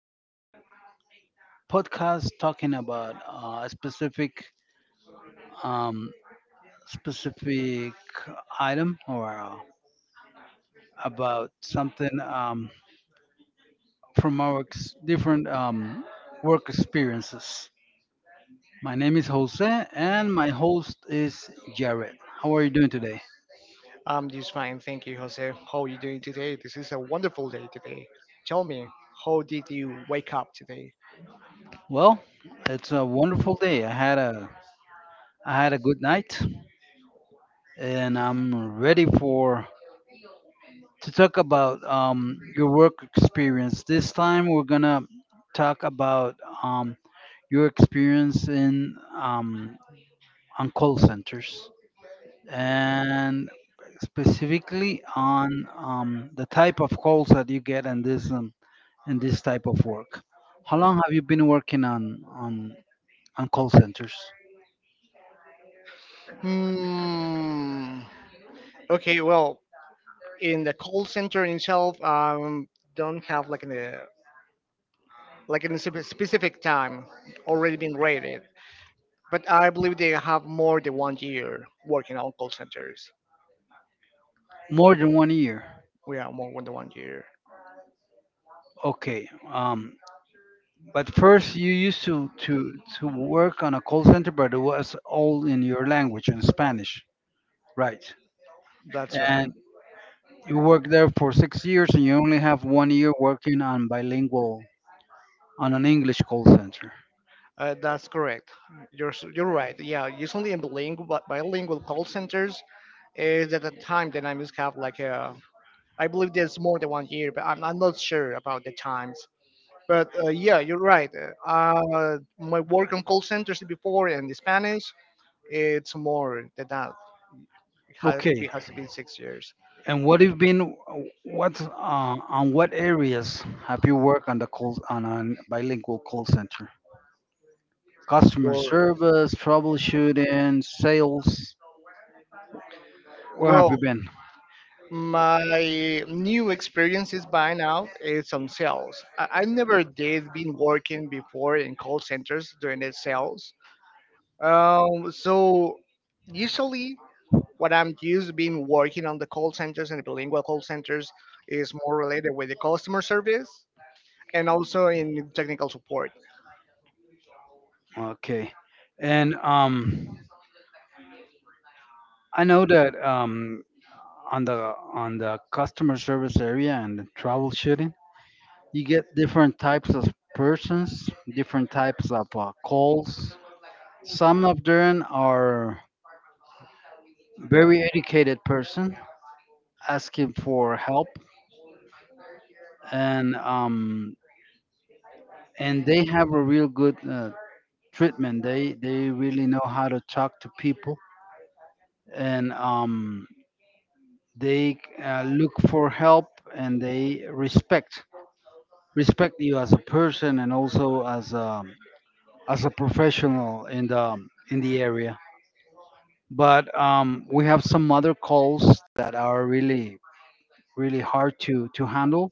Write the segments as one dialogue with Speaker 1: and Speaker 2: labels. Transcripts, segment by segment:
Speaker 1: uh, podcast talking about a specific um, specific item or about something from our different work experiences. My name is Jose and my host is Jared. How are you doing today?
Speaker 2: I'm just fine, thank you, Jose. How are you doing today? This is a wonderful day today. Tell me, how did you wake up today?
Speaker 1: Well, it's a wonderful day. I had a good night, and I'm ready for to talk about your work experience. This time, we're gonna talk about um, your experience in on call centers, and specifically on the type of calls that you get in this in this type of work. How long have you been working on call centers?
Speaker 2: Hmm. Okay, well, in the call center itself, don't have like an like in a specific time already been rated, but I believe they have more than 1 year working on call centers.
Speaker 1: More than 1 year.
Speaker 2: We are more than 1 year.
Speaker 1: Okay. But first, you used to work on a call center, but it was all in your language, in Spanish, right?
Speaker 2: That's right.
Speaker 1: And you worked there for 6 years, and you only have 1 year working on bilingual, on an English call center.
Speaker 2: That's correct. You're right. Yeah, usually in bilingual call centers, is at the time that I was kind like I believe there's more than 1 year, but I'm not sure about the times. But yeah, you're right. My work on call centers before and the Spanish, it's more than that. Maybe
Speaker 1: Okay.
Speaker 2: it has to be 6 years.
Speaker 1: And what have been, what, on what areas have you worked on on a bilingual call center? Customer
Speaker 2: Or
Speaker 1: service, troubleshooting, sales. Where have you
Speaker 2: well,
Speaker 1: been?
Speaker 2: my new experiences by now is on sales. I never did been working before in call centers during the sales. So usually what I'm used being working on the call centers and bilingual call centers is more related with the customer service and also in technical support.
Speaker 1: Okay. And I know that on the customer service area and the troubleshooting, you get different types of persons, different types of calls. Some of them are very educated person asking for help, and um, and they have a real good treatment. They really know how to talk to people, and they look for help and they respect you as a person and also as a professional in the in the area. But we have some other calls that are really hard to handle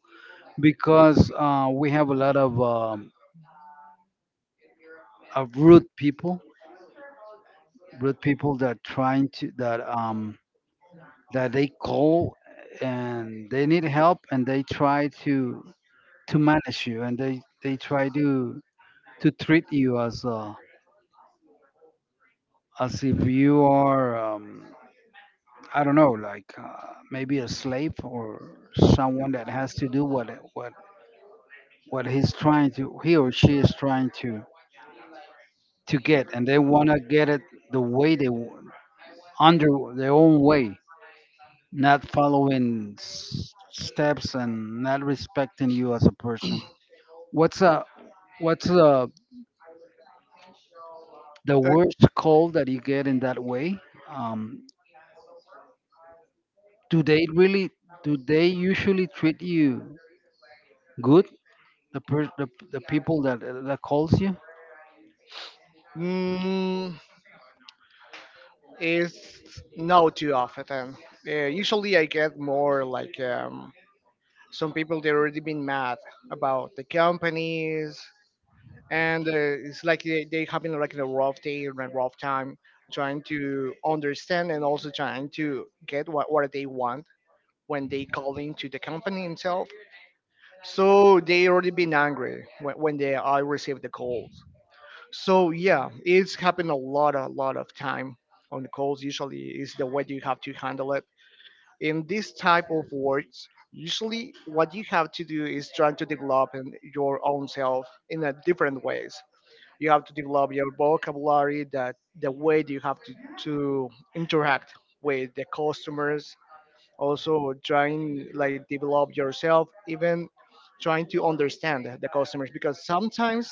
Speaker 1: because we have a lot of rude people that trying to, that they call and they need help and they try to manage you and they try to treat you as if you are I don't know, like maybe a slave or someone that has to do what what he's trying to he or she is trying to get, and they want to get it the way they want, under their own way, not following steps and not respecting you as a person. What's a what's a the
Speaker 2: Uh,
Speaker 1: worst call that you get in that way? Um, do they really do they usually treat you good? The, per- The people that that calls you.
Speaker 2: mm, is no too often. Usually, I get more like some people they already been mad about the companies, and it's like they having like a rough day and a rough time trying to understand and also trying to get what they want when they call into the company himself. So they already been angry when they I received the calls. So yeah, it's happened a lot of time on the calls. Usually is the way you have to handle it. In this type of works, usually what you have to do is trying to develop in your own self in a different ways. You have to develop your vocabulary, that the way you have to interact with the customers also trying like develop yourself even trying to understand the customers because sometimes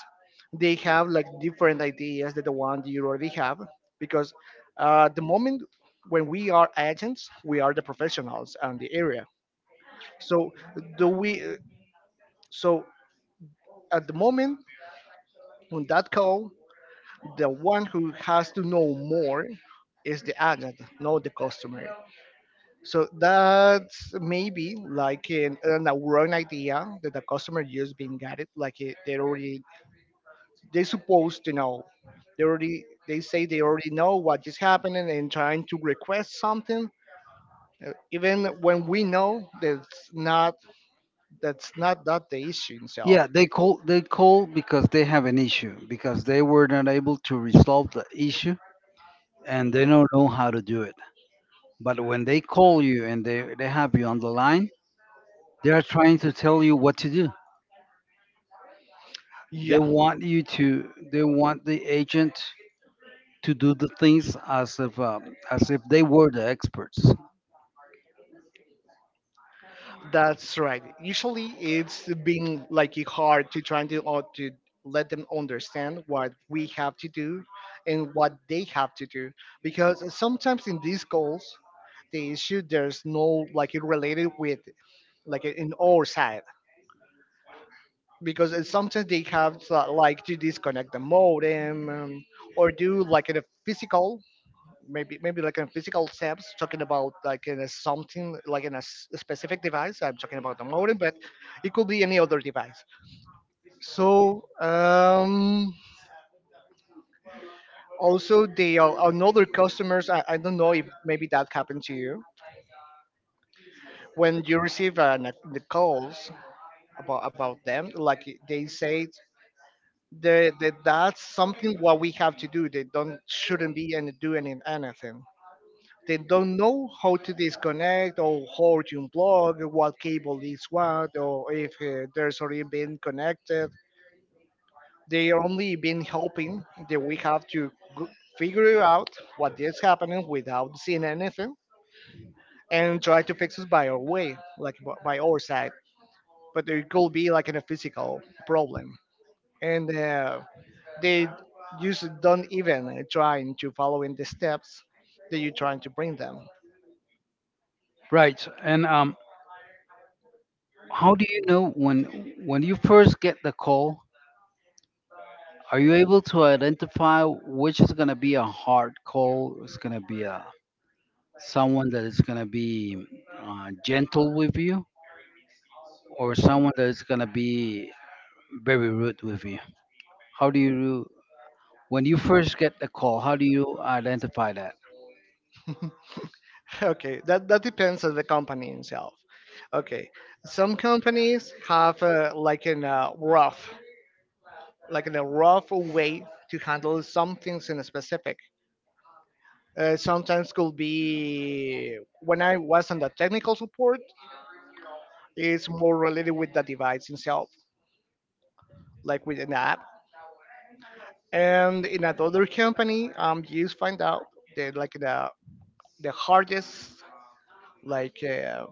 Speaker 2: they have like different ideas than the one you already have because the moment when we are agents we are the professionals on the area so do we so at the moment on that call the one who has to know more is the agent, not the customer. So that's maybe like an a wrong idea that the customer just been got it. Like it, they already they supposed to know. They already they say they already know what is happening and trying to request something. Even when we know that's not that the issue itself.
Speaker 1: Yeah, they call because they have an issue, because they were not able to resolve the issue and they don't know how to do it. But when they call you and they have you on the line, they are trying to tell you what to do.
Speaker 2: Yeah.
Speaker 1: They want the agent to do the things as if they were the experts.
Speaker 2: That's right. Usually, it's been like hard to try to or to let them understand what we have to do and what they have to do because sometimes in these goals, the issue there's no like it related with like in our side because it's sometimes they have to, like to disconnect the modem, or do like a physical maybe like in physical steps talking about like in a something like in a specific device. I'm talking about the modem, but it could be any other device. so um Also the another customers, I don't know if maybe that happened to you when you receive the calls about them like they say that's something what we have to do they don't shouldn't be and do anything. They don't know how to disconnect or how to unplug, what cable is what, or if there's already been connected. They are only been hoping that we have to g- figure out what is happening without seeing anything and try to fix it by our way, like by our side. But it could be like in a physical problem, and they usually don't even trying to follow in the steps that you're trying to bring them.
Speaker 1: Right. And how do you know when you first get the call? Are you able to identify which is going to be a hard call? It's going to be a someone that is going to be gentle with you, or someone that is going to be very rude with you? How do you, when you first get the call, how do you identify that?
Speaker 2: Okay, that depends on the company itself. Okay, some companies have like in a rough, like in a rough way to handle some things in a specific. Sometimes could be when I was on the technical support, it's more related with the device itself, like with an app. And in another company, you find out that like the hardest, like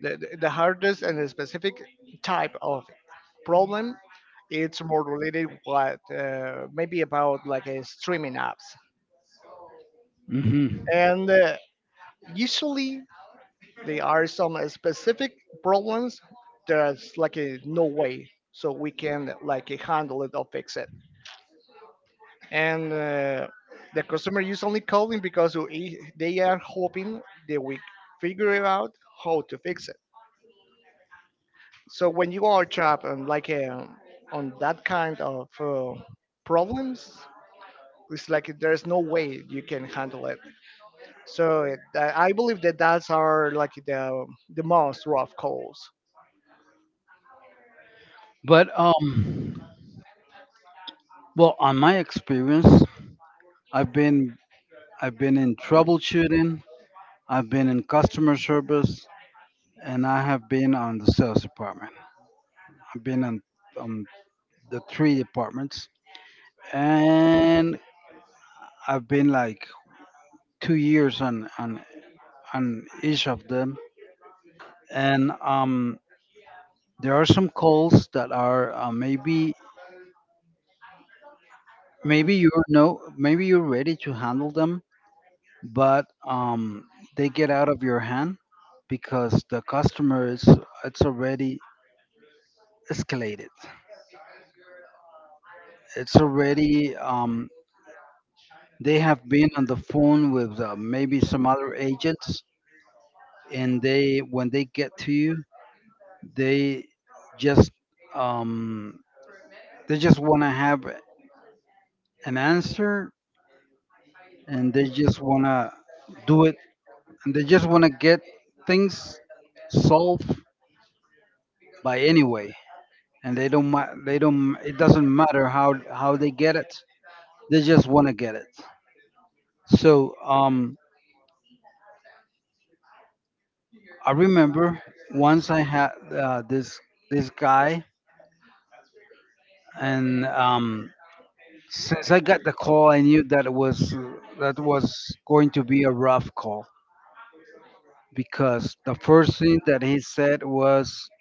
Speaker 2: the the hardest and the specific type of problem it's more related what maybe about like streaming apps,
Speaker 1: Hmm.
Speaker 2: and usually there are some specific problems there's like a no way so we can like handle it or fix it, and the customer is only calling because they are hoping that we figure it out how to fix it. So when you are trapped on like on that kind of problems it's like there's no way you can handle it. So it, I believe that that's are like the most rough calls.
Speaker 1: But well, on my experience, i've been I've been in troubleshooting, I've been in customer service, and I have been on the sales department. I've been on um, the three departments, and I've been like 2 years on on each of them. And there are some calls that are maybe maybe you're no maybe you're ready to handle them, but they get out of your hand because the customer is it's already escalated. It's already they have been on the phone with maybe some other agents, and they when they get to you, they just um, they just want to have an answer, and they just want to do it, and they just want to get things solved by any way, and they don't ma- they don't, it doesn't matter how they get it, they just want to get it. So I remember once I had this guy, and since I got the call I knew that it was that was going to be a rough call, because the first thing that he said was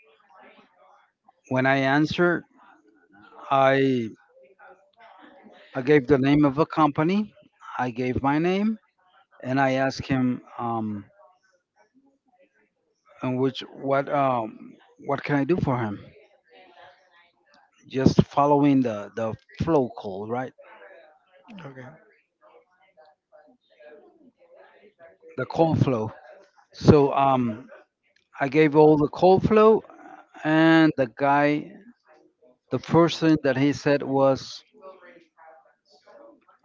Speaker 1: when I answered, i I gave the name of a company. I gave my name, and I asked him, in which what can I do for him? Just following the flow call, right?
Speaker 2: Okay.
Speaker 1: The call flow. So I gave all the call flow, and the guy, the first thing that he said was,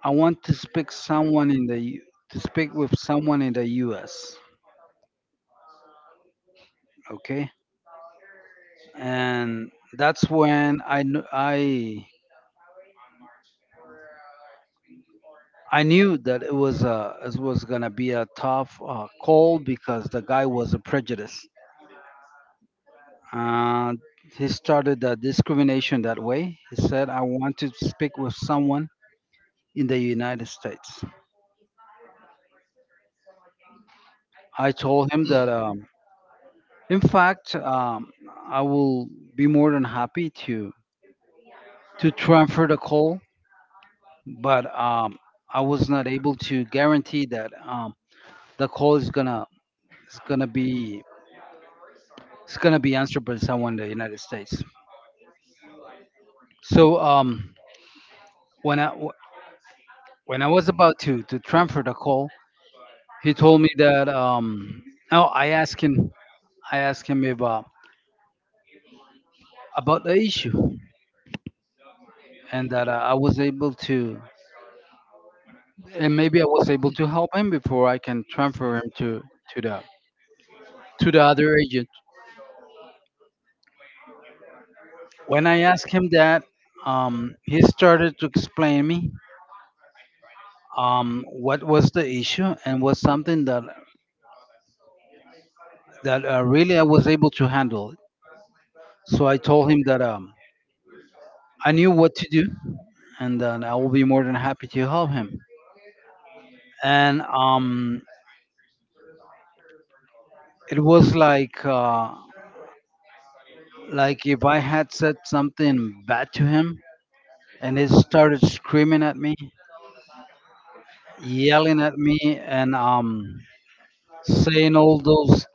Speaker 1: "I want to speak someone in the U- to speak with someone in the U.S." Okay, and that's when I knew that it was a it was gonna be a tough call, because the guy was a prejudice. Uh, he started the discrimination that way. He said, "I want to speak with someone in the United States." I told him that, in fact, I will be more than happy to transfer the call, but I was not able to guarantee that the call is gonna be it's gonna be answered by someone in the United States. So when when I was about to transfer the call, he told me that oh, I asked him about the issue, and that I was able to, and maybe I was able to help him before I can transfer him to the to the other agent. When I asked him that, he started to explain me what was the issue, and was something that that really I was able to handle. So I told him that I knew what to do, and then I will be more than happy to help him. And it was like if I had said something bad to him, and he started screaming at me, yelling at me, and saying all those,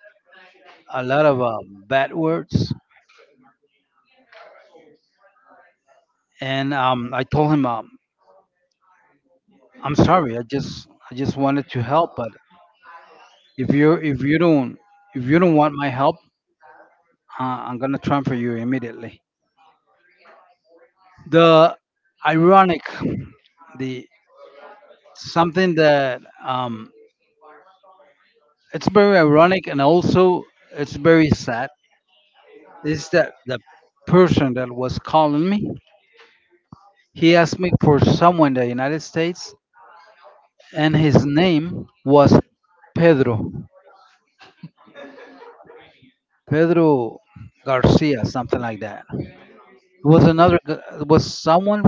Speaker 1: a lot of bad words. And I told him, I'm sorry. I just wanted to help, but if you if you don't want my help, I'm gonna transfer you immediately. The ironic, the something that it's very ironic and also it's very sad, is that the person that was calling me, he asked me for someone in the United States, and his name was Pedro, Pedro Garcia, something like that. it was another g- it was someone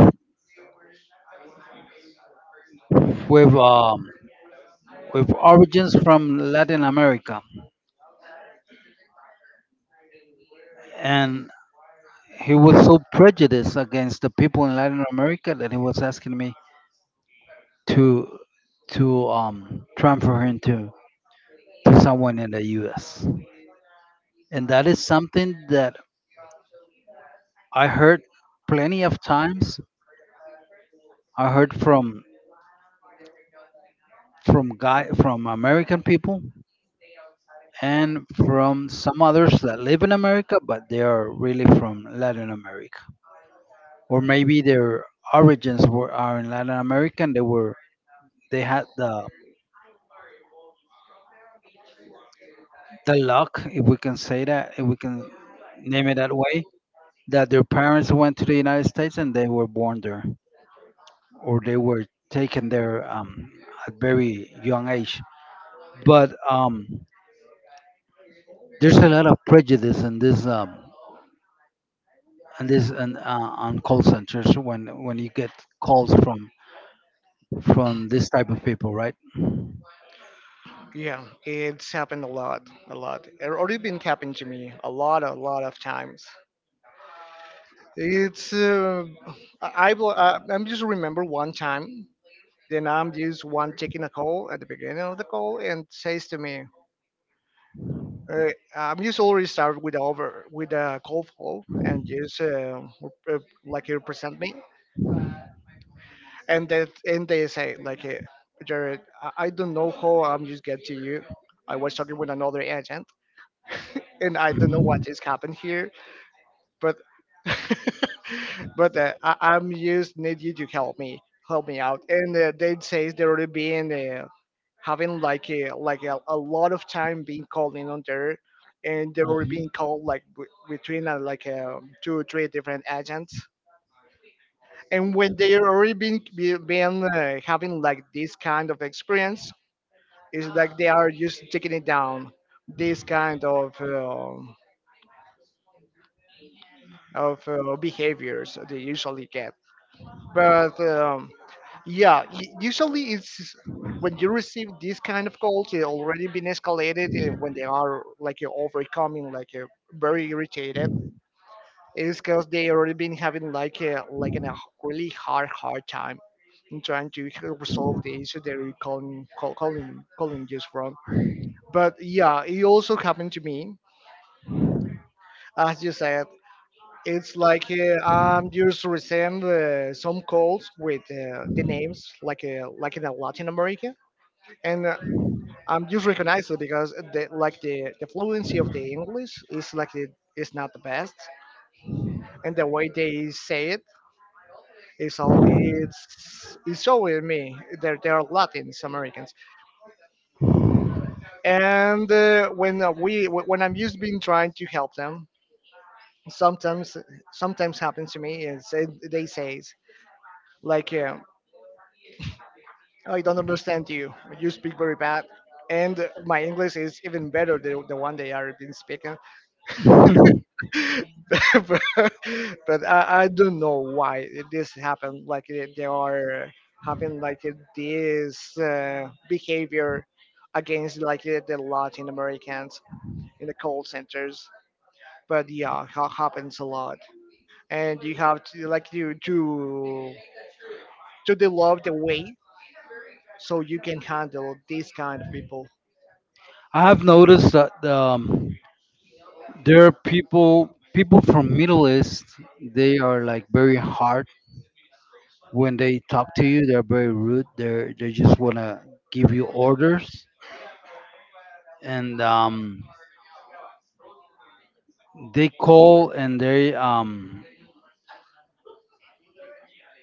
Speaker 1: with um with origins from Latin America, and he was so prejudiced against the people in Latin America that he was asking me to to transfer him to someone in the U.S. And that is something that I heard plenty of times. I heard from guy from American people, and from some others that live in America, but they are really from Latin America, or maybe their origins were are in Latin America. And they had the luck, if we can say that, if we can name it that way, that their parents went to the United States and they were born there, or they were taken there at very young age. But there's a lot of prejudice in this on call centers, when you get calls from this type of people, right? Mhm.
Speaker 2: Yeah, it's happened a lot, a lot. It already been happened to me a lot of times. It's I'm just remember one time. Then I'm just one taking a call at the beginning of the call and says to me, uh, "I'm just already start with over with a call flow and just like you present me." And that and they say like Jared, I don't know how I'm just get to you. I was talking with another agent, and I don't know what is happened here, but but I'm just need you to help me out. And they say they're already being having like a lot of time being called in on there, and they were being called like between two or three different agents, and when they already been been having like this kind of experience it's like they are just taking it down this kind of behaviors they usually get. But yeah usually it's when you receive this kind of calls they already been escalated, and when they are like overcoming like very irritated. It's because they already been having like a really hard hard time in trying to resolve the issue that you're calling calling calling just from. But yeah, it also happened to me. As you said, it's like I'm just receive some calls with the names like in Latin America, and I'm just recognized it because the like the fluency of the English is like is not the best, and the way they say it, it's all it's always me that they are they're Latins Americans, and when I'm used to being trying to help them, sometimes sometimes happens to me is they says like I don't understand you. You speak very bad, and my English is even better than the one they are been speaking. but, but I don't know why this happened. Like they are having like this behavior against like the Latin Americans in the call centers. But yeah, happens a lot, and you have to like you to develop the way so you can handle these kind of people.
Speaker 1: I have noticed that there are people from Middle East. They are like very hard. When they talk to you they're very rude, they just want to give you orders. And they call, and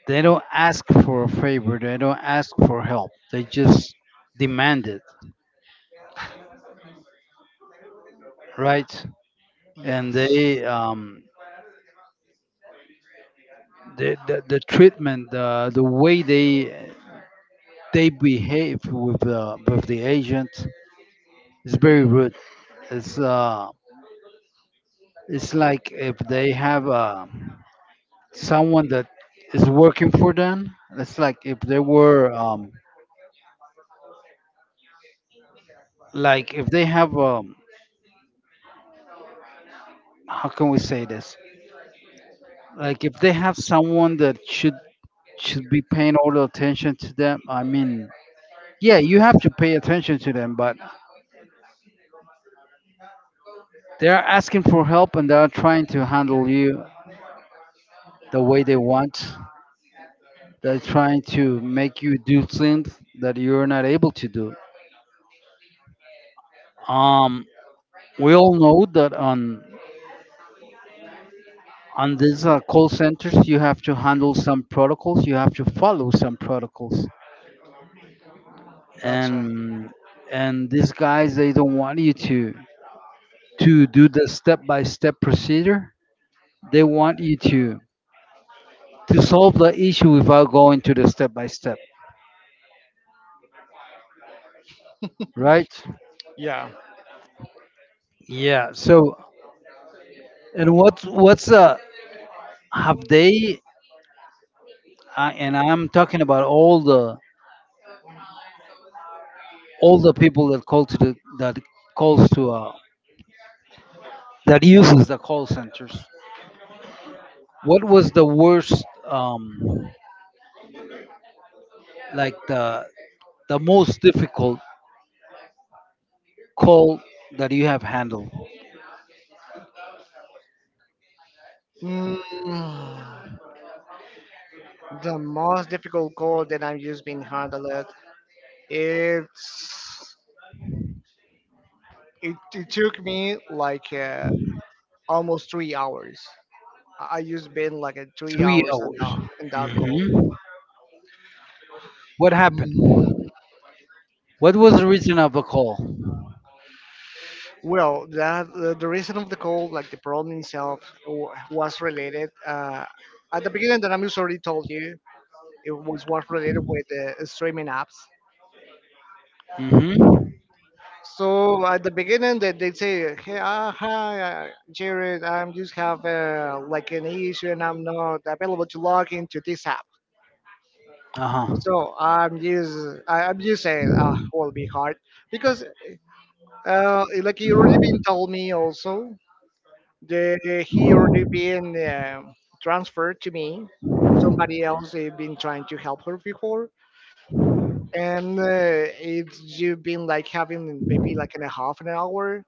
Speaker 1: they don't ask for a favor, they don't ask for help, they just demand it, right? And
Speaker 2: Yes,
Speaker 1: they the treatment, the way they behave with the agent is very rude. it's uh it's like if they have a someone that is working for them. It's like if they were like if they have how can we say this? Like if they have someone that should be paying all the attention to them. I mean, yeah, you have to pay attention to them, but they are asking for help and they are trying to handle you the way they want. They're trying to make you do things that you're not able to do. Um, we all know that on these call centers you have to handle some protocols, you have to follow some protocols,
Speaker 2: that's right.
Speaker 1: and and these guys, they don't want you to do the step by step procedure. They want you to solve the issue without going to the step by step, right?
Speaker 2: Yeah.
Speaker 1: Yeah, so and what's what's have they I'm talking about all the people that call to the that calls to that uses the call centers. What was the worst, like the most difficult call that you have handled?
Speaker 2: Mm, the most difficult goal that I've just been handled. It's it took me like almost 3 hours. I just been like a three
Speaker 1: Three
Speaker 2: hours and
Speaker 1: hours.
Speaker 2: that in that call.
Speaker 1: Hmm. What happened?
Speaker 2: Mm.
Speaker 1: What was the reason of the call?
Speaker 2: Well, the reason of the call, like the problem itself, was related. At the beginning, that I'm just already told you, it was related with the streaming apps.
Speaker 1: Hmm.
Speaker 2: So at the beginning, they say, "Hey, hi, Jared, I'm just have like an issue, and I'm not available to log into this app."
Speaker 1: Uh huh.
Speaker 2: So I'm just I'm just saying ah will be hard because like he already been told me also the he already been transferred to me. Somebody else have been trying to help her before, and it's just been like having maybe like in a half an hour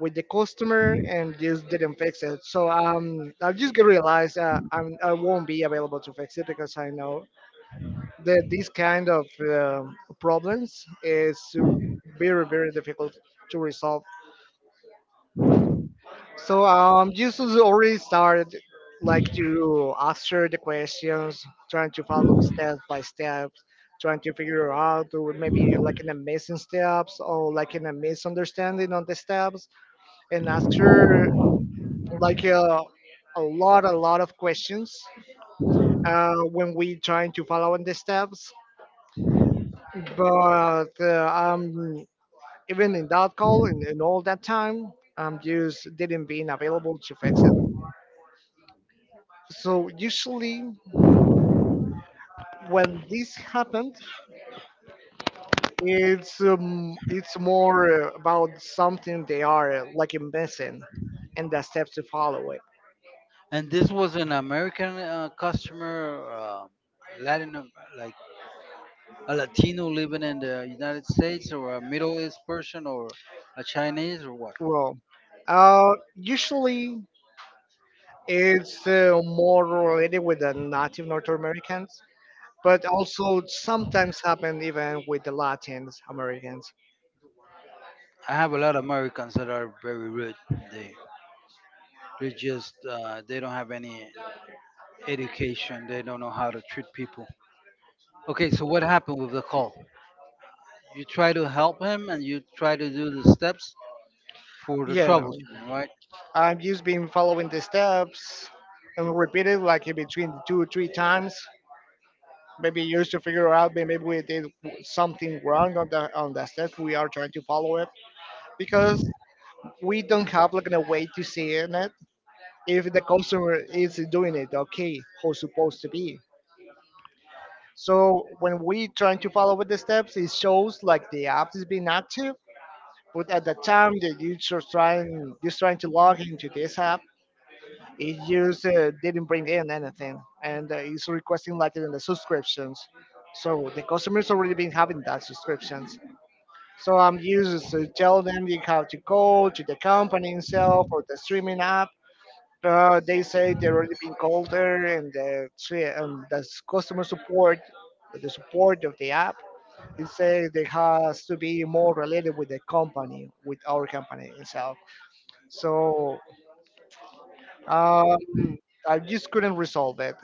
Speaker 2: with the customer and just didn't fix it. So I just realized I won't be available to fix it because I know the, these kind of um problems is very very difficult to resolve. So you should already started like to answer the questions trying to follow step by step, trying to figure out or maybe like in the missing steps or like in a misunderstanding on the steps, and answer like a lot of questions when we trying to follow in the steps. But um, Even in that call, in all that time, just didn't being available to fix it. So usually when this happened, it's more about something they are like missing, and the steps to follow it.
Speaker 1: And this was an American customer, Latin, Am- like a Latino living in the United States, or a Middle East person, or a Chinese, or what?
Speaker 2: Well, usually it's more related with the Native North Americans, but also sometimes happen even with the Latin Americans.
Speaker 1: I have a lot of Americans that are very rude. They they just they don't have any education. They don't know how to treat people. Okay, so what happened with the call? You try to help him and you try to do the steps for the
Speaker 2: Yeah,
Speaker 1: troubleshooting, right?
Speaker 2: I've just been following the steps and repeat it like in between 2 or 3 times. Maybe used to figure out maybe we did something wrong on the step we are trying to follow it, because we don't have like a way to see in it if the customer is doing it okay how supposed to be. So when we trying to follow with the steps, it shows like the app is being active, but at the time that you're just trying to log into this app, it just didn't bring in anything, and it's requesting like in the subscriptions. So the customers already been having that subscriptions. So I'm used to tell them you have to go to the company itself or the streaming app. They say they already been called there, and the tre- the s- customer support, the support of the app, it says they has to be more related with the company, with our company itself. So um, I just couldn't resolve it,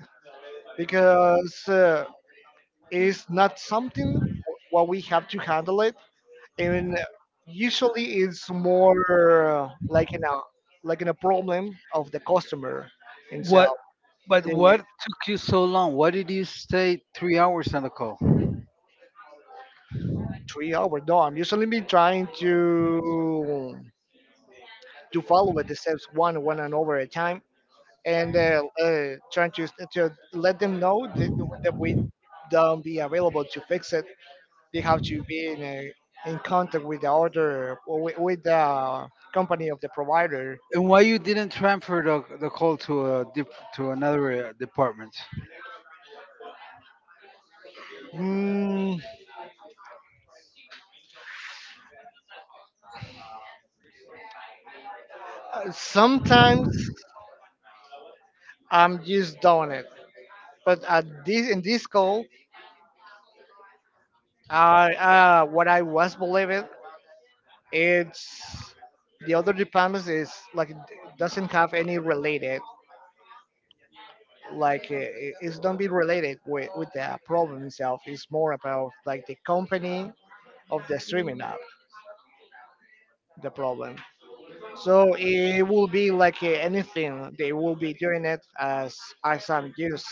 Speaker 2: because it's not something what we have to handle it, and usually it's more like in a problem of the customer himself.
Speaker 1: What? But what
Speaker 2: The
Speaker 1: took you so long? Why did you stay 3 hours on the call?
Speaker 2: 3 hour no, I'm usually been trying to follow it the steps one and over at a time, and trying to let them know that, that we don't be available to fix it. They have to be in, a, in contact with the order or with the company of the provider.
Speaker 1: And why you didn't transfer the call to to another department?
Speaker 2: Mm, sometimes I'm just doing it, but at this in this call, what I was believing it's the other departments is like doesn't have any related, like it- it's don't be related with the problem itself. It's more about like the company of the streaming app, the problem. So it will be like anything. They will be doing it as I'm used,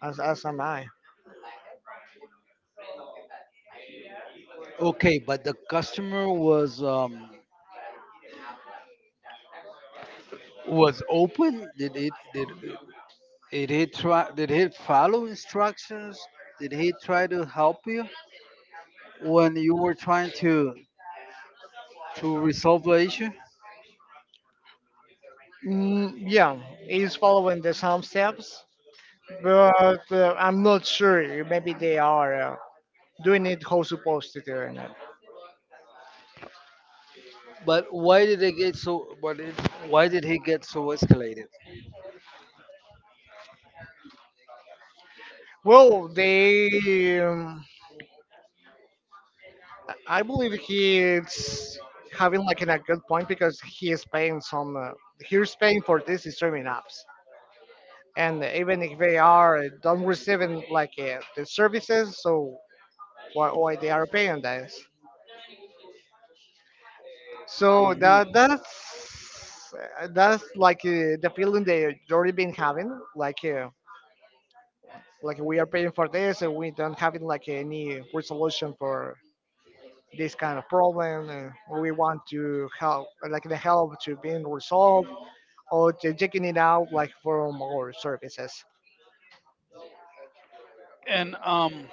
Speaker 2: as am I.
Speaker 1: Okay, but the customer was open. Did he try? Did he follow instructions? Did he try to help you when you were trying to resolve the issue?
Speaker 2: Mm, yeah, it's following the same steps, but I'm not sure. Maybe they are doing it how supposed to do it.
Speaker 1: But why did they get so? But why did he get so escalated?
Speaker 2: Well, they, I believe he's having like an, a good point because he is paying some. He's paying for this streaming apps, and even if they are don't receiving like the services. So why they are paying that? So
Speaker 1: Mhm.
Speaker 2: that's like the feeling they already been having, like uh, like we are paying for this and we don't having like any resolution for this kind of problem, and we want to help like the help to being resolved or to checking it out like from our services.
Speaker 1: And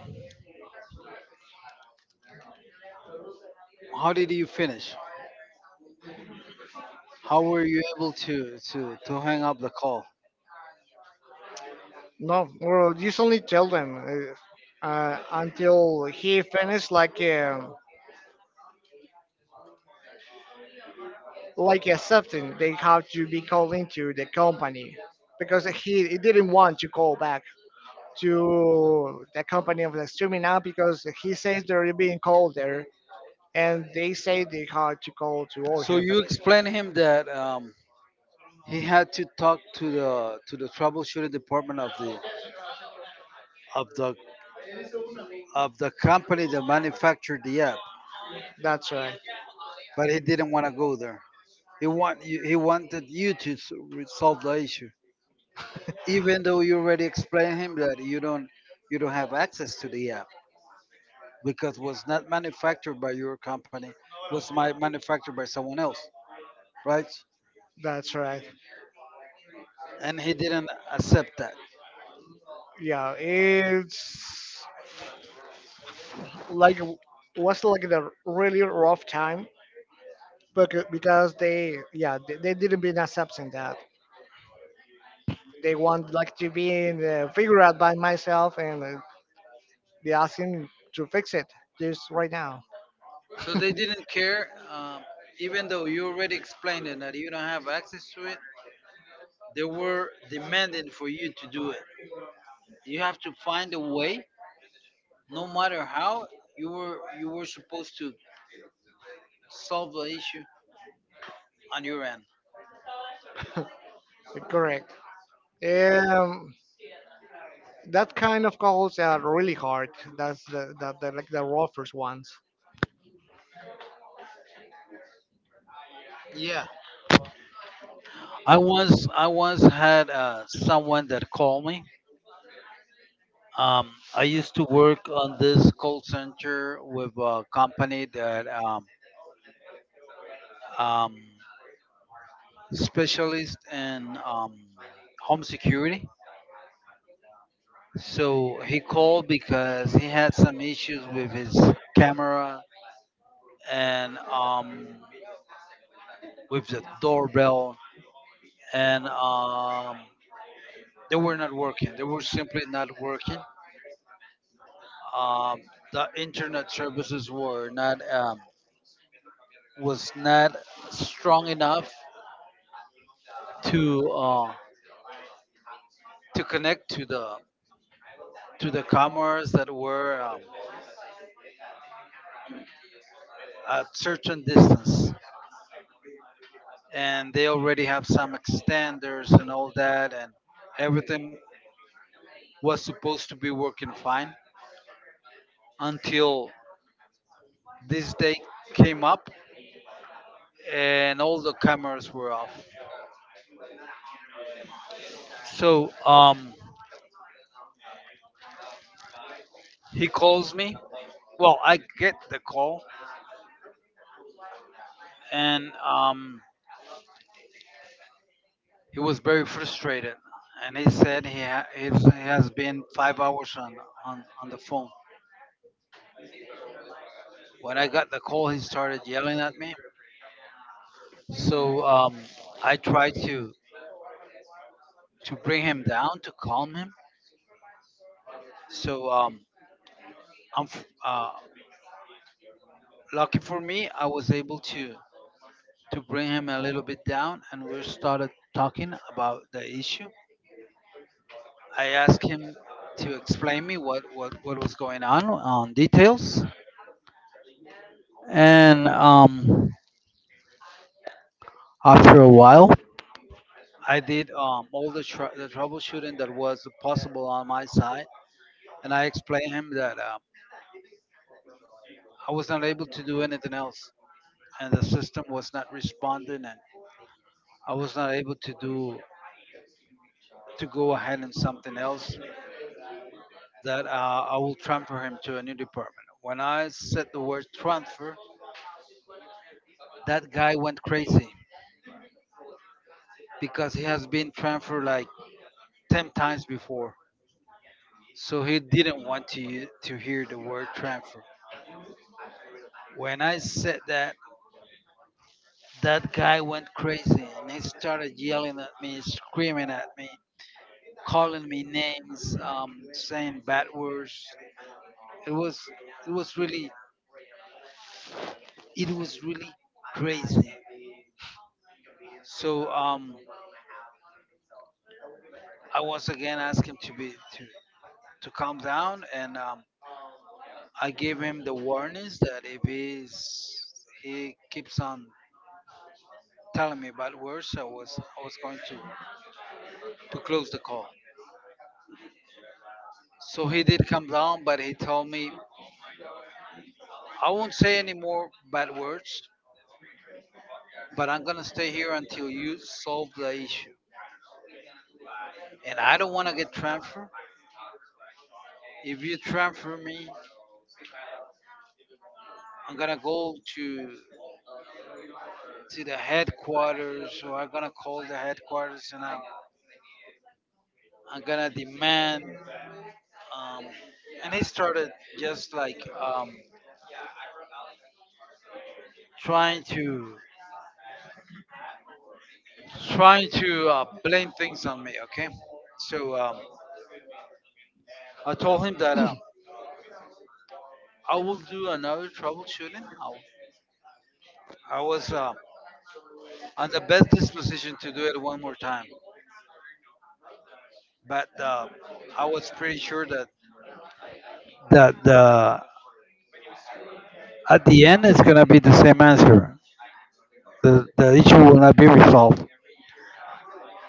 Speaker 1: how did you finish? How were you able to to hang up the call?
Speaker 2: No, well, just only tell them until he finished, like accepting. They have to be called into the company because he didn't want to call back to the company of the streaming now because he says they're being called there and they say they have to call to all
Speaker 1: So you
Speaker 2: companies.
Speaker 1: explained him that he had to talk to the troubleshooting department of the of the of the company that manufactured the app,
Speaker 2: That's right.
Speaker 1: but he didn't want to go there. He wanted you to resolve the issue, even though you already explained him that you don't, you don't have access to the app because was not manufactured by your company, was my manufactured by someone else, right?
Speaker 2: That's right.
Speaker 1: And he didn't accept that.
Speaker 2: Yeah, it's like was like the really rough time because they yeah they didn't been accepting that. They want like to be in the figure out by myself, and they asking to fix it just right now.
Speaker 1: So they didn't care, even though you already explained it that you don't have access to it. They were demanding for you to do it. You have to find a way, no matter how. You were supposed to solve the issue on your end.
Speaker 2: Correct. um that kind of calls are really hard. That's the like the roughest ones.
Speaker 1: Yeah, I once had someone that called me. I used to work on this call center with a company that um, specialist in home security. So he called because he had some issues with his camera, and with the doorbell, and they were not working. They were simply not working. Um, the internet services were not, was not strong enough to uh, to connect to the cameras that were, at certain distance, and they already have some extenders and all that, and everything was supposed to be working fine until this day came up and all the cameras were off. So he calls me. Well, I get the call, and he was very frustrated. And he said he has been 5 hours on, on the phone. When I got the call, he started yelling at me. So I tried to bring him down, to calm him. So I'm, f- uh, lucky for me, I was able to bring him a little bit down, and we started talking about the issue. I asked him to explain me what was going on details, and after a while I did, all the, the troubleshooting that was possible on my side, and I explained him that I was not able to do anything else and the system was not responding and I was not able to do to go ahead and something else, that I will transfer him to a new department. When I said the word transfer, that guy went crazy because he has been transferred like 10 times before. So he didn't want to hear the word transfer. When I said that, that guy went crazy and he started yelling at me, screaming at me, calling me names, saying bad words. It was it was really it was really crazy. So I once again asked him to be to calm down, and I gave him the warnings that if he's he keeps on telling me bad words, I was going to close the call. So he did come down, but he told me I won't say any more bad words, but I'm gonna stay here until you solve the issue. And I don't want to get transferred. If you transfer me, I'm gonna go to the headquarters, or I'm gonna call the headquarters, and I'm gonna demand. Um, and he started just like, um, trying to blame things on me. Okay, so I told him that I will do another troubleshooting. I was on the best disposition to do it one more time, but I was pretty sure that that the at the end it's gonna be the same answer. The issue will not be resolved.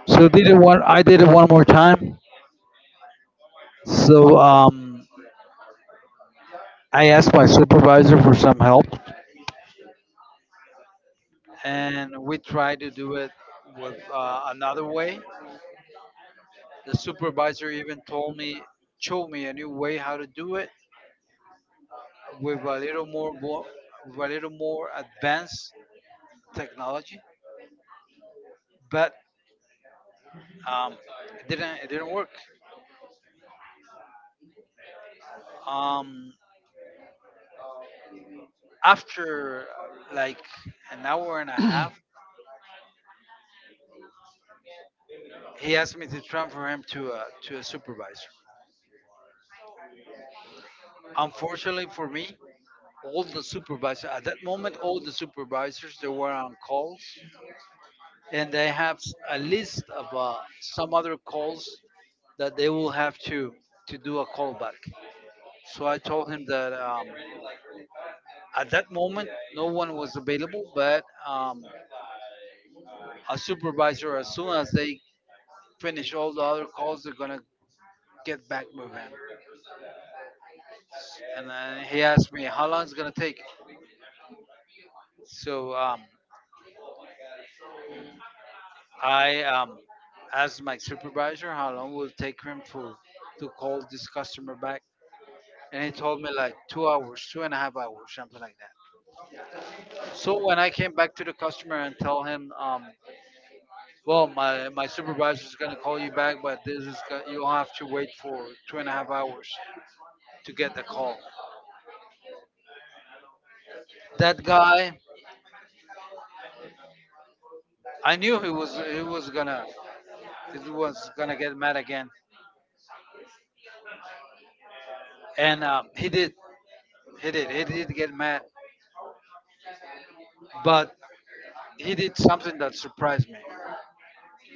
Speaker 1: So did it one. I did it one more time. So I asked my supervisor for some help, and we tried to do it with another way. The supervisor even told me, showed me a new way how to do it with a little more, with a little more advanced technology, but um, it didn't work. Um, after like an hour and a half, he asked me to transfer him to a supervisor. Unfortunately for me, all the supervisors, they were on calls, and they have a list of some other calls that they will have to do a callback. So I told him that, at that moment no one was available, but a supervisor, as soon as they finish all the other calls, they're gonna get back with him. And then he asked me how long it's gonna take. So I asked my supervisor how long will it take him to call this customer back, and he told me like 2 hours, two and a half hours, something like that. So when I came back to the customer and tell him, well, my supervisor is gonna call you back, but this is you'll have to wait for two and a half hours to get the call. That guy, I knew he was gonna get mad again, and he did, he did he did get mad, but he did something that surprised me.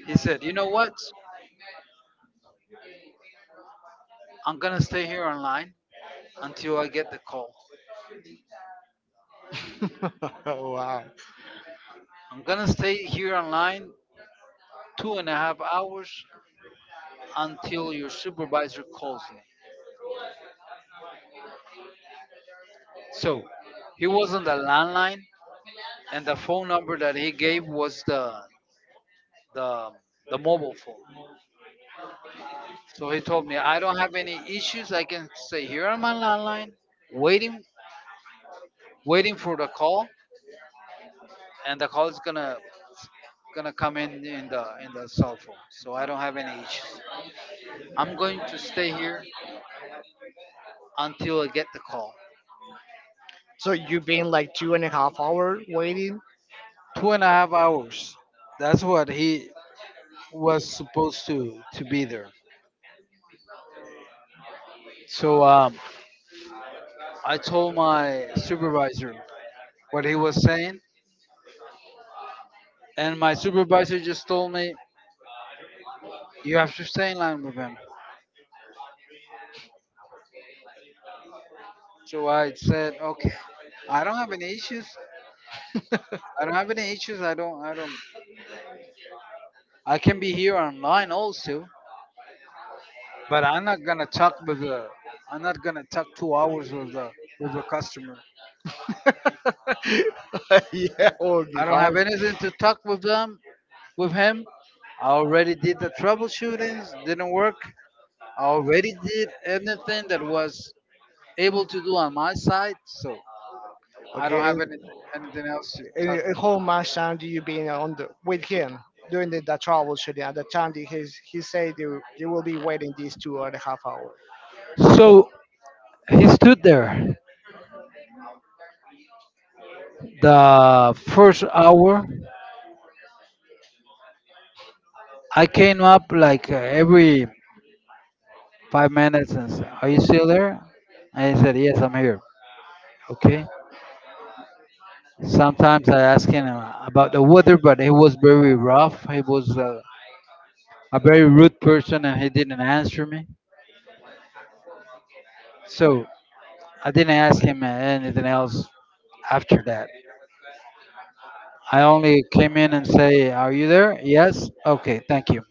Speaker 1: He said, "You know what? I'm going to stay here online until I get the call.
Speaker 2: Wow.
Speaker 1: I'm going to stay here online two and a half hours until your supervisor calls me." So he was on the landline, and the phone number that he gave was the, the mobile phone. So he told me, "I don't have any issues. I can stay here on my landline waiting waiting for the call, and the call is gonna come in the cell phone, so I don't have any issues. I'm going to stay here until I get the call."
Speaker 2: So you've been like two and a half hour waiting.
Speaker 1: Two and a half hours. That's what he was supposed to be there. So I told my supervisor what he was saying, and my supervisor just told me you have to stay in line with him. So I said, okay, I don't have any issues. I don't have any issues. I don't. I don't. I can be here online also, but I'm not gonna talk 2 hours with the customer.
Speaker 2: Yeah, it would be
Speaker 1: I don't have
Speaker 2: hard.
Speaker 1: anything to talk with them, with him. I already did the troubleshootings, didn't work. I already did anything that was able to do on my side, so I don't
Speaker 2: Okay.
Speaker 1: have any, anything else to talk
Speaker 2: And a whole much time do you being on the with him during the troubleshooting? At the time, that he said you you will be waiting these two and a half hours.
Speaker 1: with. So he stood there the first hour. I came up like every 5 minutes and said, "Are you still there?" And he said, "Yes, I'm here." Okay. Sometimes I ask him about the weather, but it was very rough. It was. A very rude person, and he didn't answer me. So I didn't ask him anything else after that. I only came in and say, "Are you there?" Yes. Okay, thank you.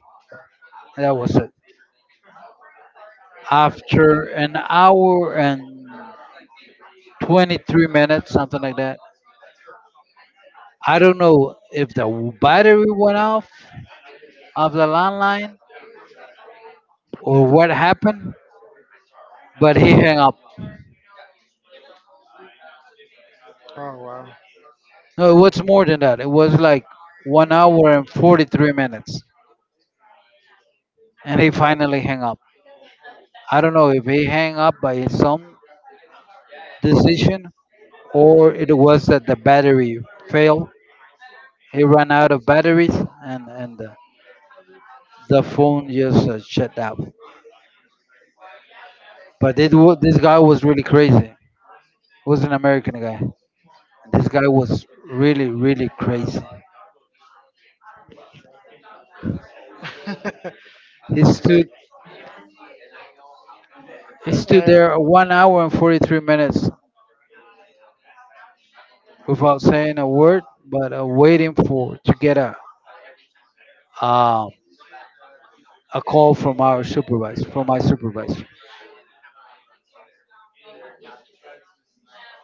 Speaker 1: That was it. After an hour and 23 minutes, something like that. I don't know if the battery went off of the landline or what happened, but he hung up.
Speaker 2: Oh wow.
Speaker 1: No, it was more than that. It was like 1 hour and 43 minutes, and he finally hung up. I don't know if he hang up by some decision or it was that the battery failed. He ran out of batteries and the phone just shut down. But this guy was really crazy. He was an American guy. And this guy was really really crazy. He stood he stood
Speaker 2: And
Speaker 1: there 1 hour and 43 minutes without saying a word, but waiting for to get um, a call from our supervisor, from my supervisor.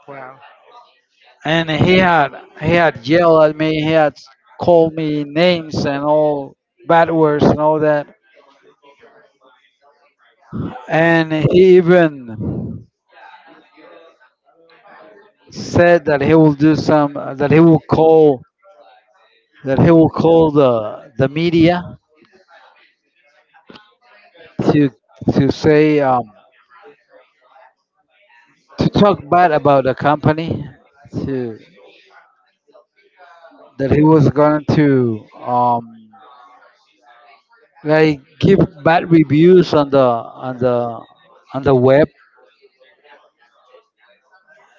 Speaker 2: wow.
Speaker 1: And he had yelled at me, he had called me names and all bad words and all that. And he even said that he will do some that he will call the media to to say to talk bad about the company, to that he was going to like give bad reviews on the on the web,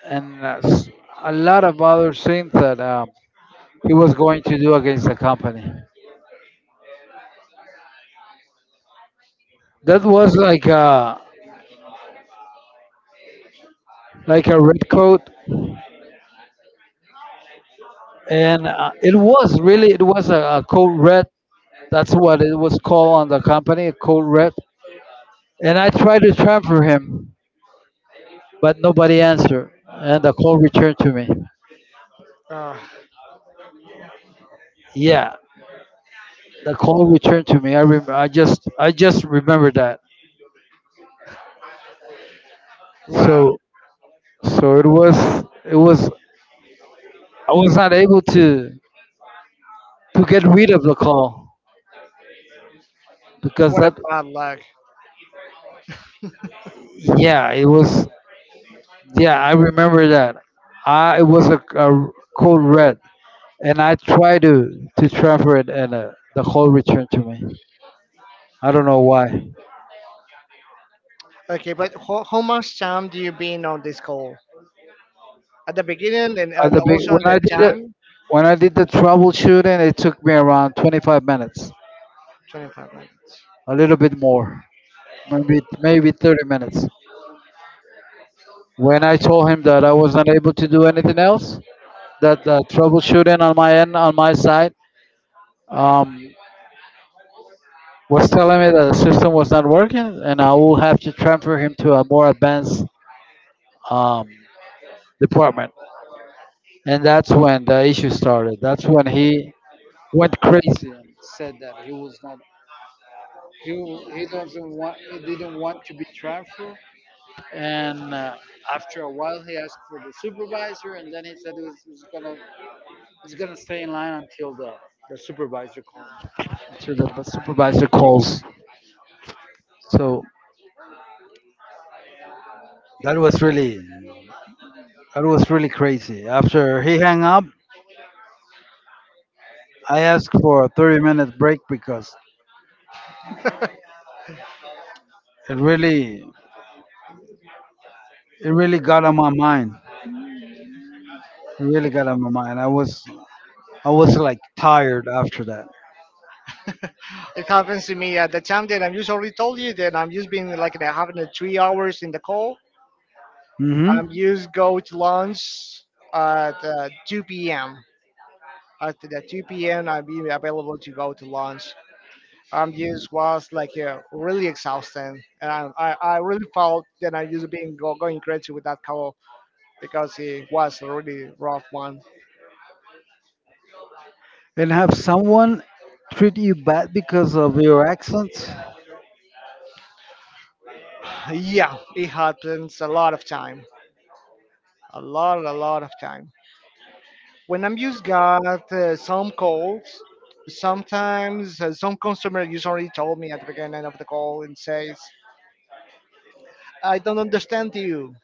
Speaker 1: and a lot of other things that he was going to do against the company. That was like a red coat, and it was really, it was a code red. That's what it was called on the company, a code red. And I tried to transfer him, but nobody answered, and the call returned to me.
Speaker 2: Oh,
Speaker 1: Yeah, the call returned to me. I just remember that.
Speaker 2: wow.
Speaker 1: So so it was it was I was not able to get rid of the call, because
Speaker 2: What a
Speaker 1: that,
Speaker 2: bad luck.
Speaker 1: yeah, it was, yeah, I remember that. I It was a code red, and I tried to transfer it, and the call returned to me. I don't know why.
Speaker 2: Okay, but how much time do you been on this call? At the beginning and
Speaker 1: At the big
Speaker 2: also on
Speaker 1: when I
Speaker 2: the
Speaker 1: did it
Speaker 2: time?
Speaker 1: When I did the troubleshooting, it took me around 25 minutes,
Speaker 2: 25 minutes.
Speaker 1: a little bit more, maybe 30 minutes. When I told him that I was not able to do anything else, that the troubleshooting on my end, on my side, um. was telling me that the system was not working, and I will have to transfer him to a more advanced um, department. And that's when the issue started. That's when he went crazy and said that he was not he, he doesn't want he didn't want to be transferred. And after a while, he asked for the supervisor, and then he was gonna, he's gonna stay in line until the supervisor calls. Until the supervisor calls. So that was really that was really crazy. After he hung up, I asked for a 30-minute break, because it really it really got on my mind. It really got on my mind. I was like tired after that.
Speaker 2: It happens to me at the time that I'm usually told you that I'm just being like having a 3 hours in the call.
Speaker 1: hmm
Speaker 2: You just go to lunch at 2 p.m. At the 2 p.m., I'll be available to go to lunch. Just was like really exhausting, and I really felt that I just being going crazy with that call because it was a really rough one.
Speaker 1: And have someone treat you bad because of your accent?
Speaker 2: Yeah, it happens a lot of time, a lot of time. When I'm used got some calls, sometimes some customer usually told me at the beginning of the call and says I don't understand you.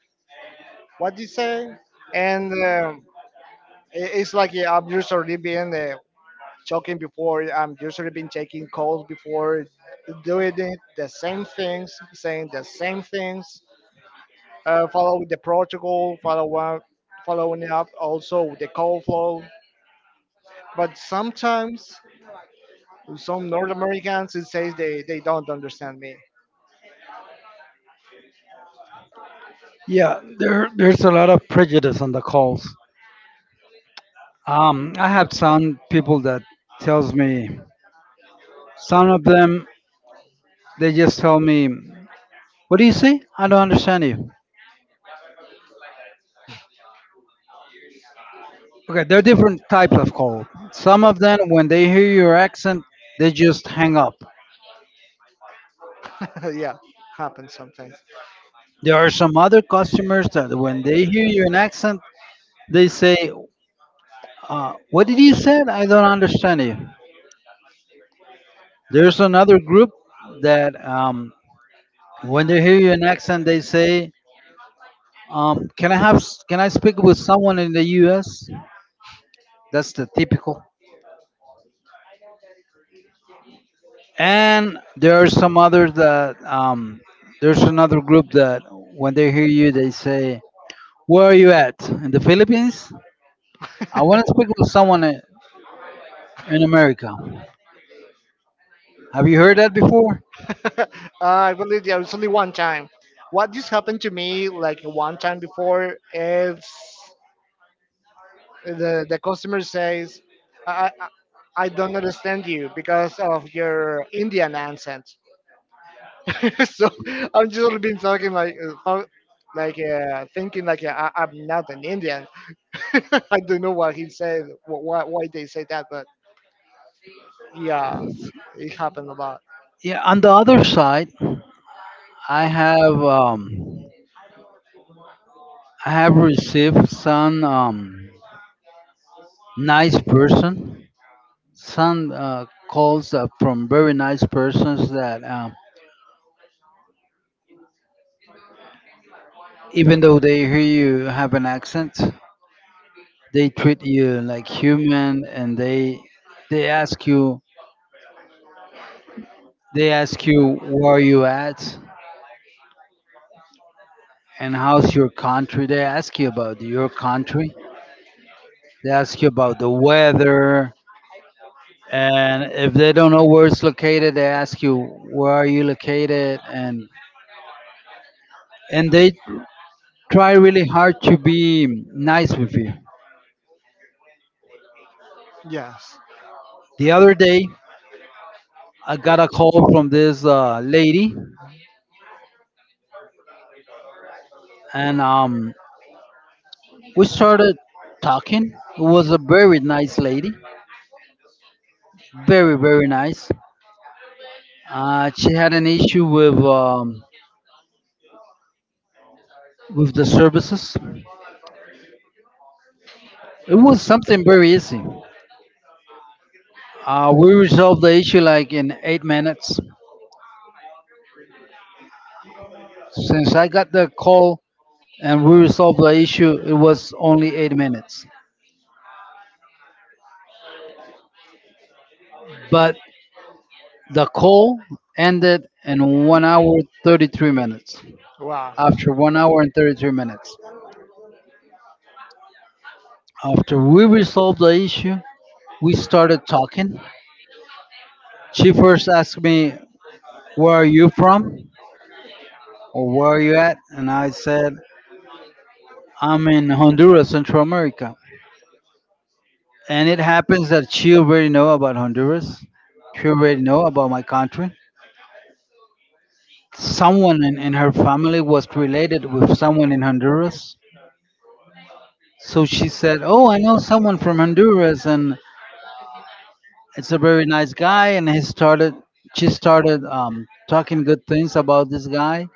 Speaker 2: What did you say? And I- it's like yeah, I'm usually being talking before. I'm usually been taking calls before, doing it, the same things, saying the same things, following the protocol, follow up, following up also with the call flow. But sometimes some North Americans it says they don't understand me.
Speaker 1: Yeah, there's a lot of prejudice on the calls. I have some people that tells me, some of them they just tell me, "What do you say? I don't understand you." Okay, there are different types of cold. Some of them, when they hear your accent, they just hang up.
Speaker 2: Yeah, happens sometimes.
Speaker 1: There are some other customers that, when they hear you in accent, they say, "What did you say? I don't understand you." There's another group that, um, when they hear you in accent, they say, "Can I have? Can I speak with someone in the U.S.?" That's the typical. And there are some others that there's another group that, when they hear you, they say, "Where are you at? In the Philippines? I want to speak with someone in America." Have you heard that before?
Speaker 2: I believe there was only one time. What just happened to me like one time before is the customer says, I, I I don't understand you because of your Indian accent. So I'm just been talking like like thinking like I'm not an Indian. I don't know what he said, why why they say that, but yeah, it happened a lot.
Speaker 1: Yeah. On the other side, I have um, I have received some nice person, some calls from very nice persons that even though they hear you have an accent, they treat you like human, and they ask you, they ask you where are you at, and how's your country? They ask you about your country. They ask you about the weather. And if they don't know where it's located, they ask you where are you located, and they try really hard to be nice with you.
Speaker 2: Yes.
Speaker 1: The other day, I got a call from this lady, and we started talking. It was a very nice lady, very very nice. She had an issue with the services. It was something very easy. We resolved the issue like in 8 minutes. Since I got the call and we resolved the issue, it was only 8 minutes. But the call ended in 1 hour, 33 minutes.
Speaker 2: Wow.
Speaker 1: After 1 hour and 33 minutes, after we resolved the issue, we started talking. She first asked me, "Where are you from?" or "Where are you at?" And I said, "I'm in Honduras, Central America." And it happens that she already know about Honduras. She already know about my country. Someone in her family was related with someone in Honduras. So she said, "Oh, I know someone from Honduras, and it's a very nice guy," and he started she started talking good things about this guy.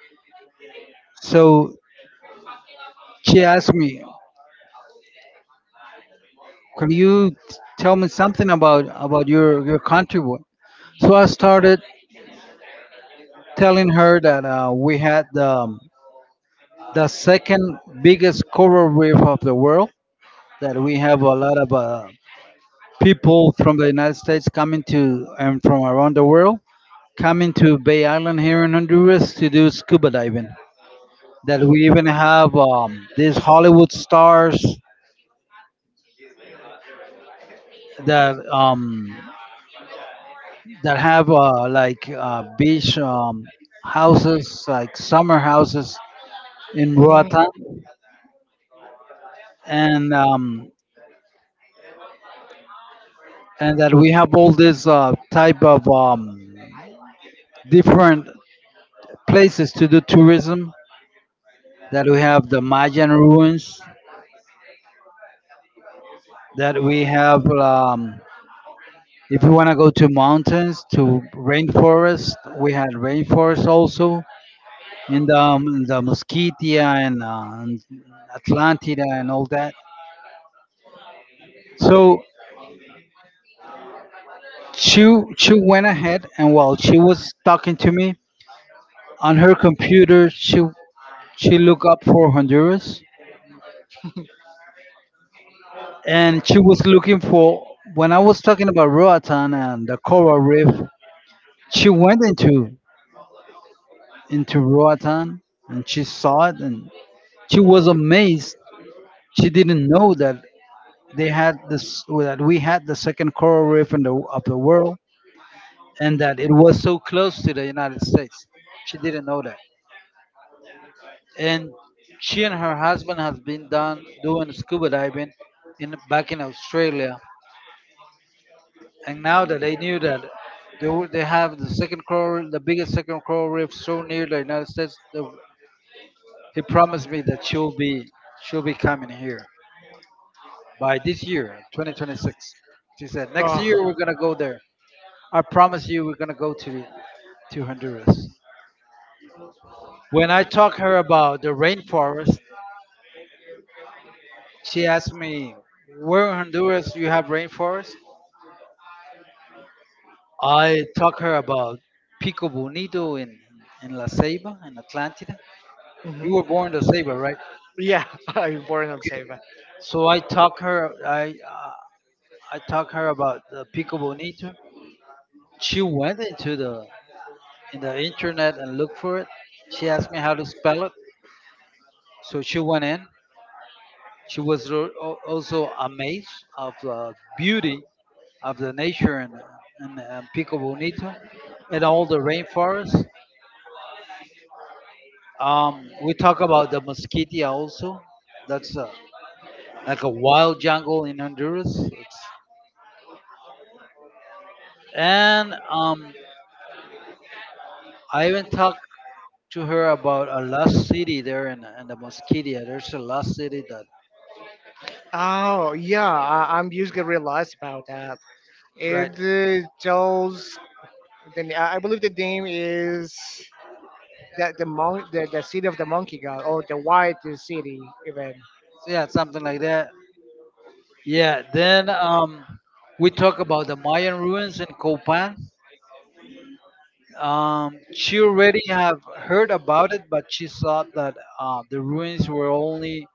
Speaker 1: So she asked me, "Can you tell me something about your country?" So I started telling her that we had the second biggest coral reef of the world, that we have a lot of people from the United States coming to and from around the world, coming to Bay Island here in Honduras to do scuba diving, that we even have these Hollywood stars that that have beach houses, like summer houses in
Speaker 2: Mhm.
Speaker 1: Roatan, and um, and that we have all this type of different places to do tourism. That we have the Mayan ruins. That we have, if you want to go to mountains, to rainforest, we had rainforest also in the Mosquitia, and Atlantida, and all that. So she went ahead, and while she was talking to me on her computer, she looked up for Honduras, and she was looking for, when I was talking about Roatan and the coral reef. She went into Roatan, and she saw it, and she was amazed. She didn't know that they had this that we had the second coral reef in the of the world, and that it was so close to the United States. She didn't know that, and she and her husband has been done doing scuba diving in back in Australia. And now that they knew that they, were- they have the second coral, the biggest second coral reef so near the United States, he promised me that she'll be, she'll be coming here by this year, 2026. She said, "Next year we're
Speaker 2: Oh.
Speaker 1: gonna go there. I promise you we're gonna go to the, to Honduras." When I talked her about the rainforest, she asked me, "Where in Honduras you have rainforest?" I talked her about Pico Bonito in La Ceiba in Atlantida. You
Speaker 2: Mhm.
Speaker 1: were born in La Ceiba, right?
Speaker 2: Yeah, I'm born on
Speaker 1: Okay.
Speaker 2: Saver.
Speaker 1: So I talked her. I talked her about the Pico Bonito. She went into the in the internet and looked for it. She asked me how to spell it. So she went in. She was also amazed of the beauty of the nature, and and Pico Bonito and all the rainforest. We talk about the Mosquitia also. That's a, like a wild jungle in Honduras. It's, and I even talk to her about a lost city there in the Mosquitia. There's a lost city that,
Speaker 2: Oh, yeah, I, I'm usually realized about that.
Speaker 1: right?
Speaker 2: It tells I believe the name is the city of the monkey god or the white city even.
Speaker 1: So yeah, something like that. Yeah. Then we talk about the Mayan ruins in Copan. She already have heard about it, but she thought that the ruins were only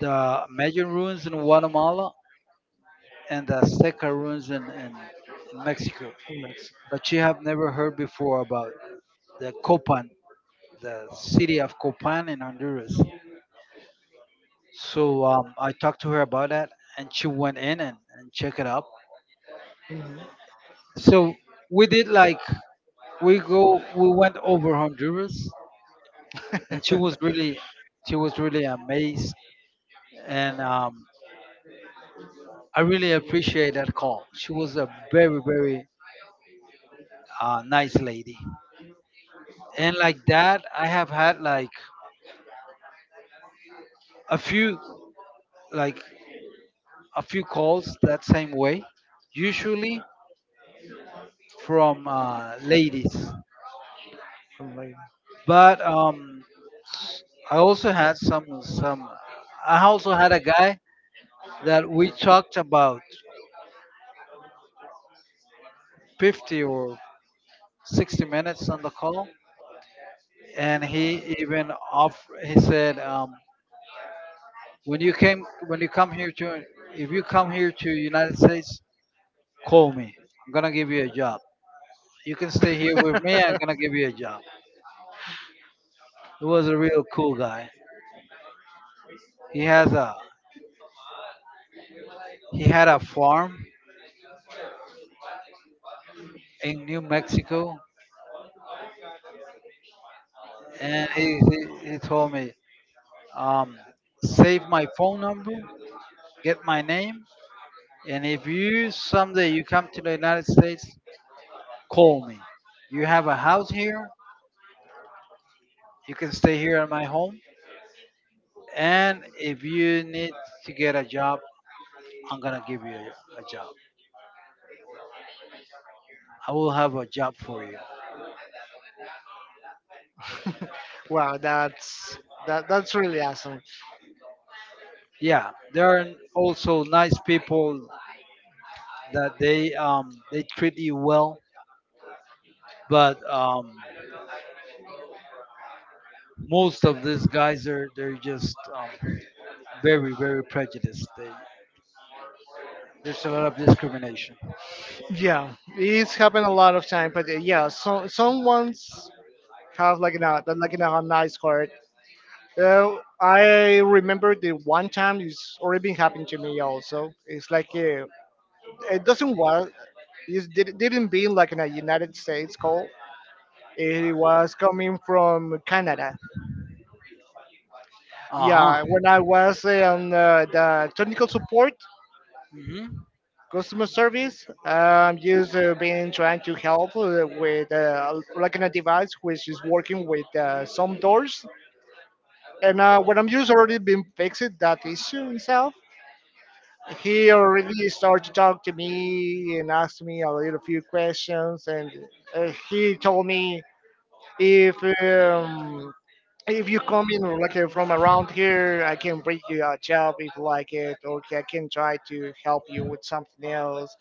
Speaker 1: the Mayan ruins in Guatemala, and the Azteca ruins in Mexico.
Speaker 2: In Mexico.
Speaker 1: But she have never heard before about the Copan, the city of Copan in Honduras. So I talked to her about that, and she went in and checked it up. So we did like we go we went over Honduras, and she was really amazed, and I really appreciate that call. She was a very very nice lady, and like that I have had like a few like a few calls that same way, usually from ladies,
Speaker 2: From like-
Speaker 1: but. I also had some, I also had a guy that we talked about 50 or 60 minutes on the call, and he even off. He said, "When you came, when you come here to, if you come here to United States, call me. I'm gonna give you a job. You can stay here with me. I'm gonna give you a job." He was a real cool guy. He has a he had a farm in New Mexico, and he told me, um, "Save my phone number, get my name, and if you someday you come to the United States, call me. You have a house here, you can stay here at my home, and if you need to get a job, I'm gonna give you a job. I will have a job for you."
Speaker 2: Wow, that's that's really awesome.
Speaker 1: Yeah, there are also nice people that they treat you well, but most of these guys are they're just very very prejudiced. They There's a lot of discrimination.
Speaker 2: Yeah, it's happened a lot of time, but yeah, so someone's have like an a nice card. I remember the one time it's already been happening to me also. It's like it doesn't was it didn't be like in a United States call. It was coming from Canada.
Speaker 1: Uh huh.
Speaker 2: Yeah, when I was on the technical support
Speaker 1: hmm
Speaker 2: customer service, just been trying to help with like in a device which is working with some doors. And when I'm just already been fixing that issue itself, he already started to talk to me and asked me a little few questions and he told me if um, if you come in like from around here I can bring you a job if you like it, or I can try to help you with something else.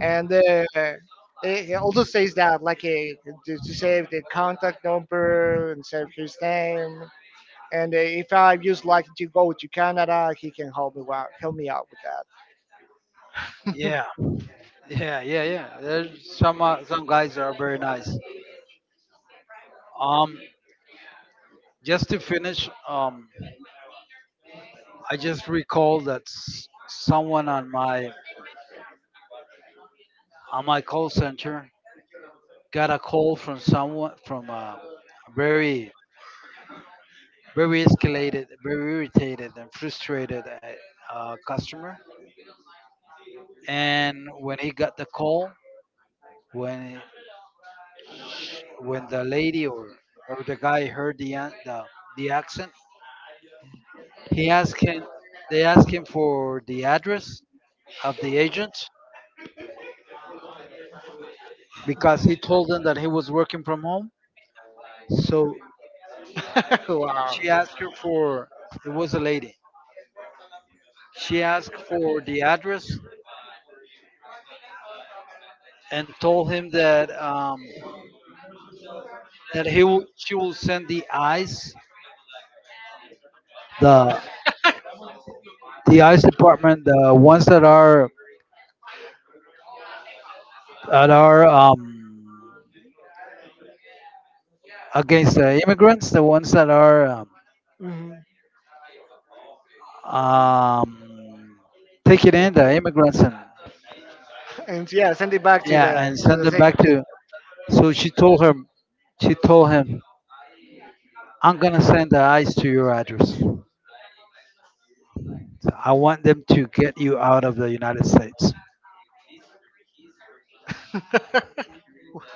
Speaker 2: And it it also says that like to save the contact number and save his name, and if I just like to go to Canada he can help me out with that.
Speaker 1: Yeah, yeah. There's some guys are very nice. Um, just to finish, I just recall that someone on my call center got a call from someone from a very very escalated, very irritated and frustrated customer. And when he got the call, when when the lady or the guy heard the accent, he asked him, they asked him for the address of the agent, because he told them that he was working from home. So
Speaker 2: Wow.
Speaker 1: she asked her for, it was a lady. She asked for the address and told him that she will send the eyes, the the eyes department, the ones that are that are um, against the immigrants, the ones that are
Speaker 2: Mhm.
Speaker 1: um, um, taking in the immigrants and,
Speaker 2: And yeah, send it back
Speaker 1: yeah, and
Speaker 2: to
Speaker 1: send
Speaker 2: the
Speaker 1: them
Speaker 2: thing.
Speaker 1: back to. So she told him, "I'm gonna send the ice to your address. So I want them to get you out of the United States."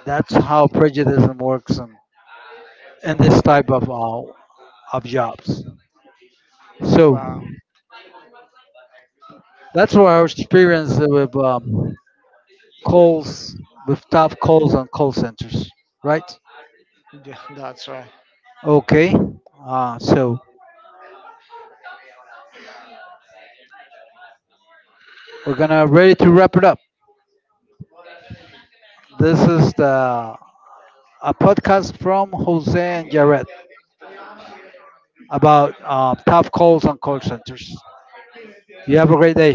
Speaker 1: That's how prejudice works in this type of jobs. So
Speaker 2: Wow.
Speaker 1: that's what our experience with calls, with top calls on call centers, right?
Speaker 2: Yeah, that's right.
Speaker 1: Okay. So we're gonna ready to wrap it up. This is the a podcast from Jose and Jared, about tough calls on call centers. You have a great day.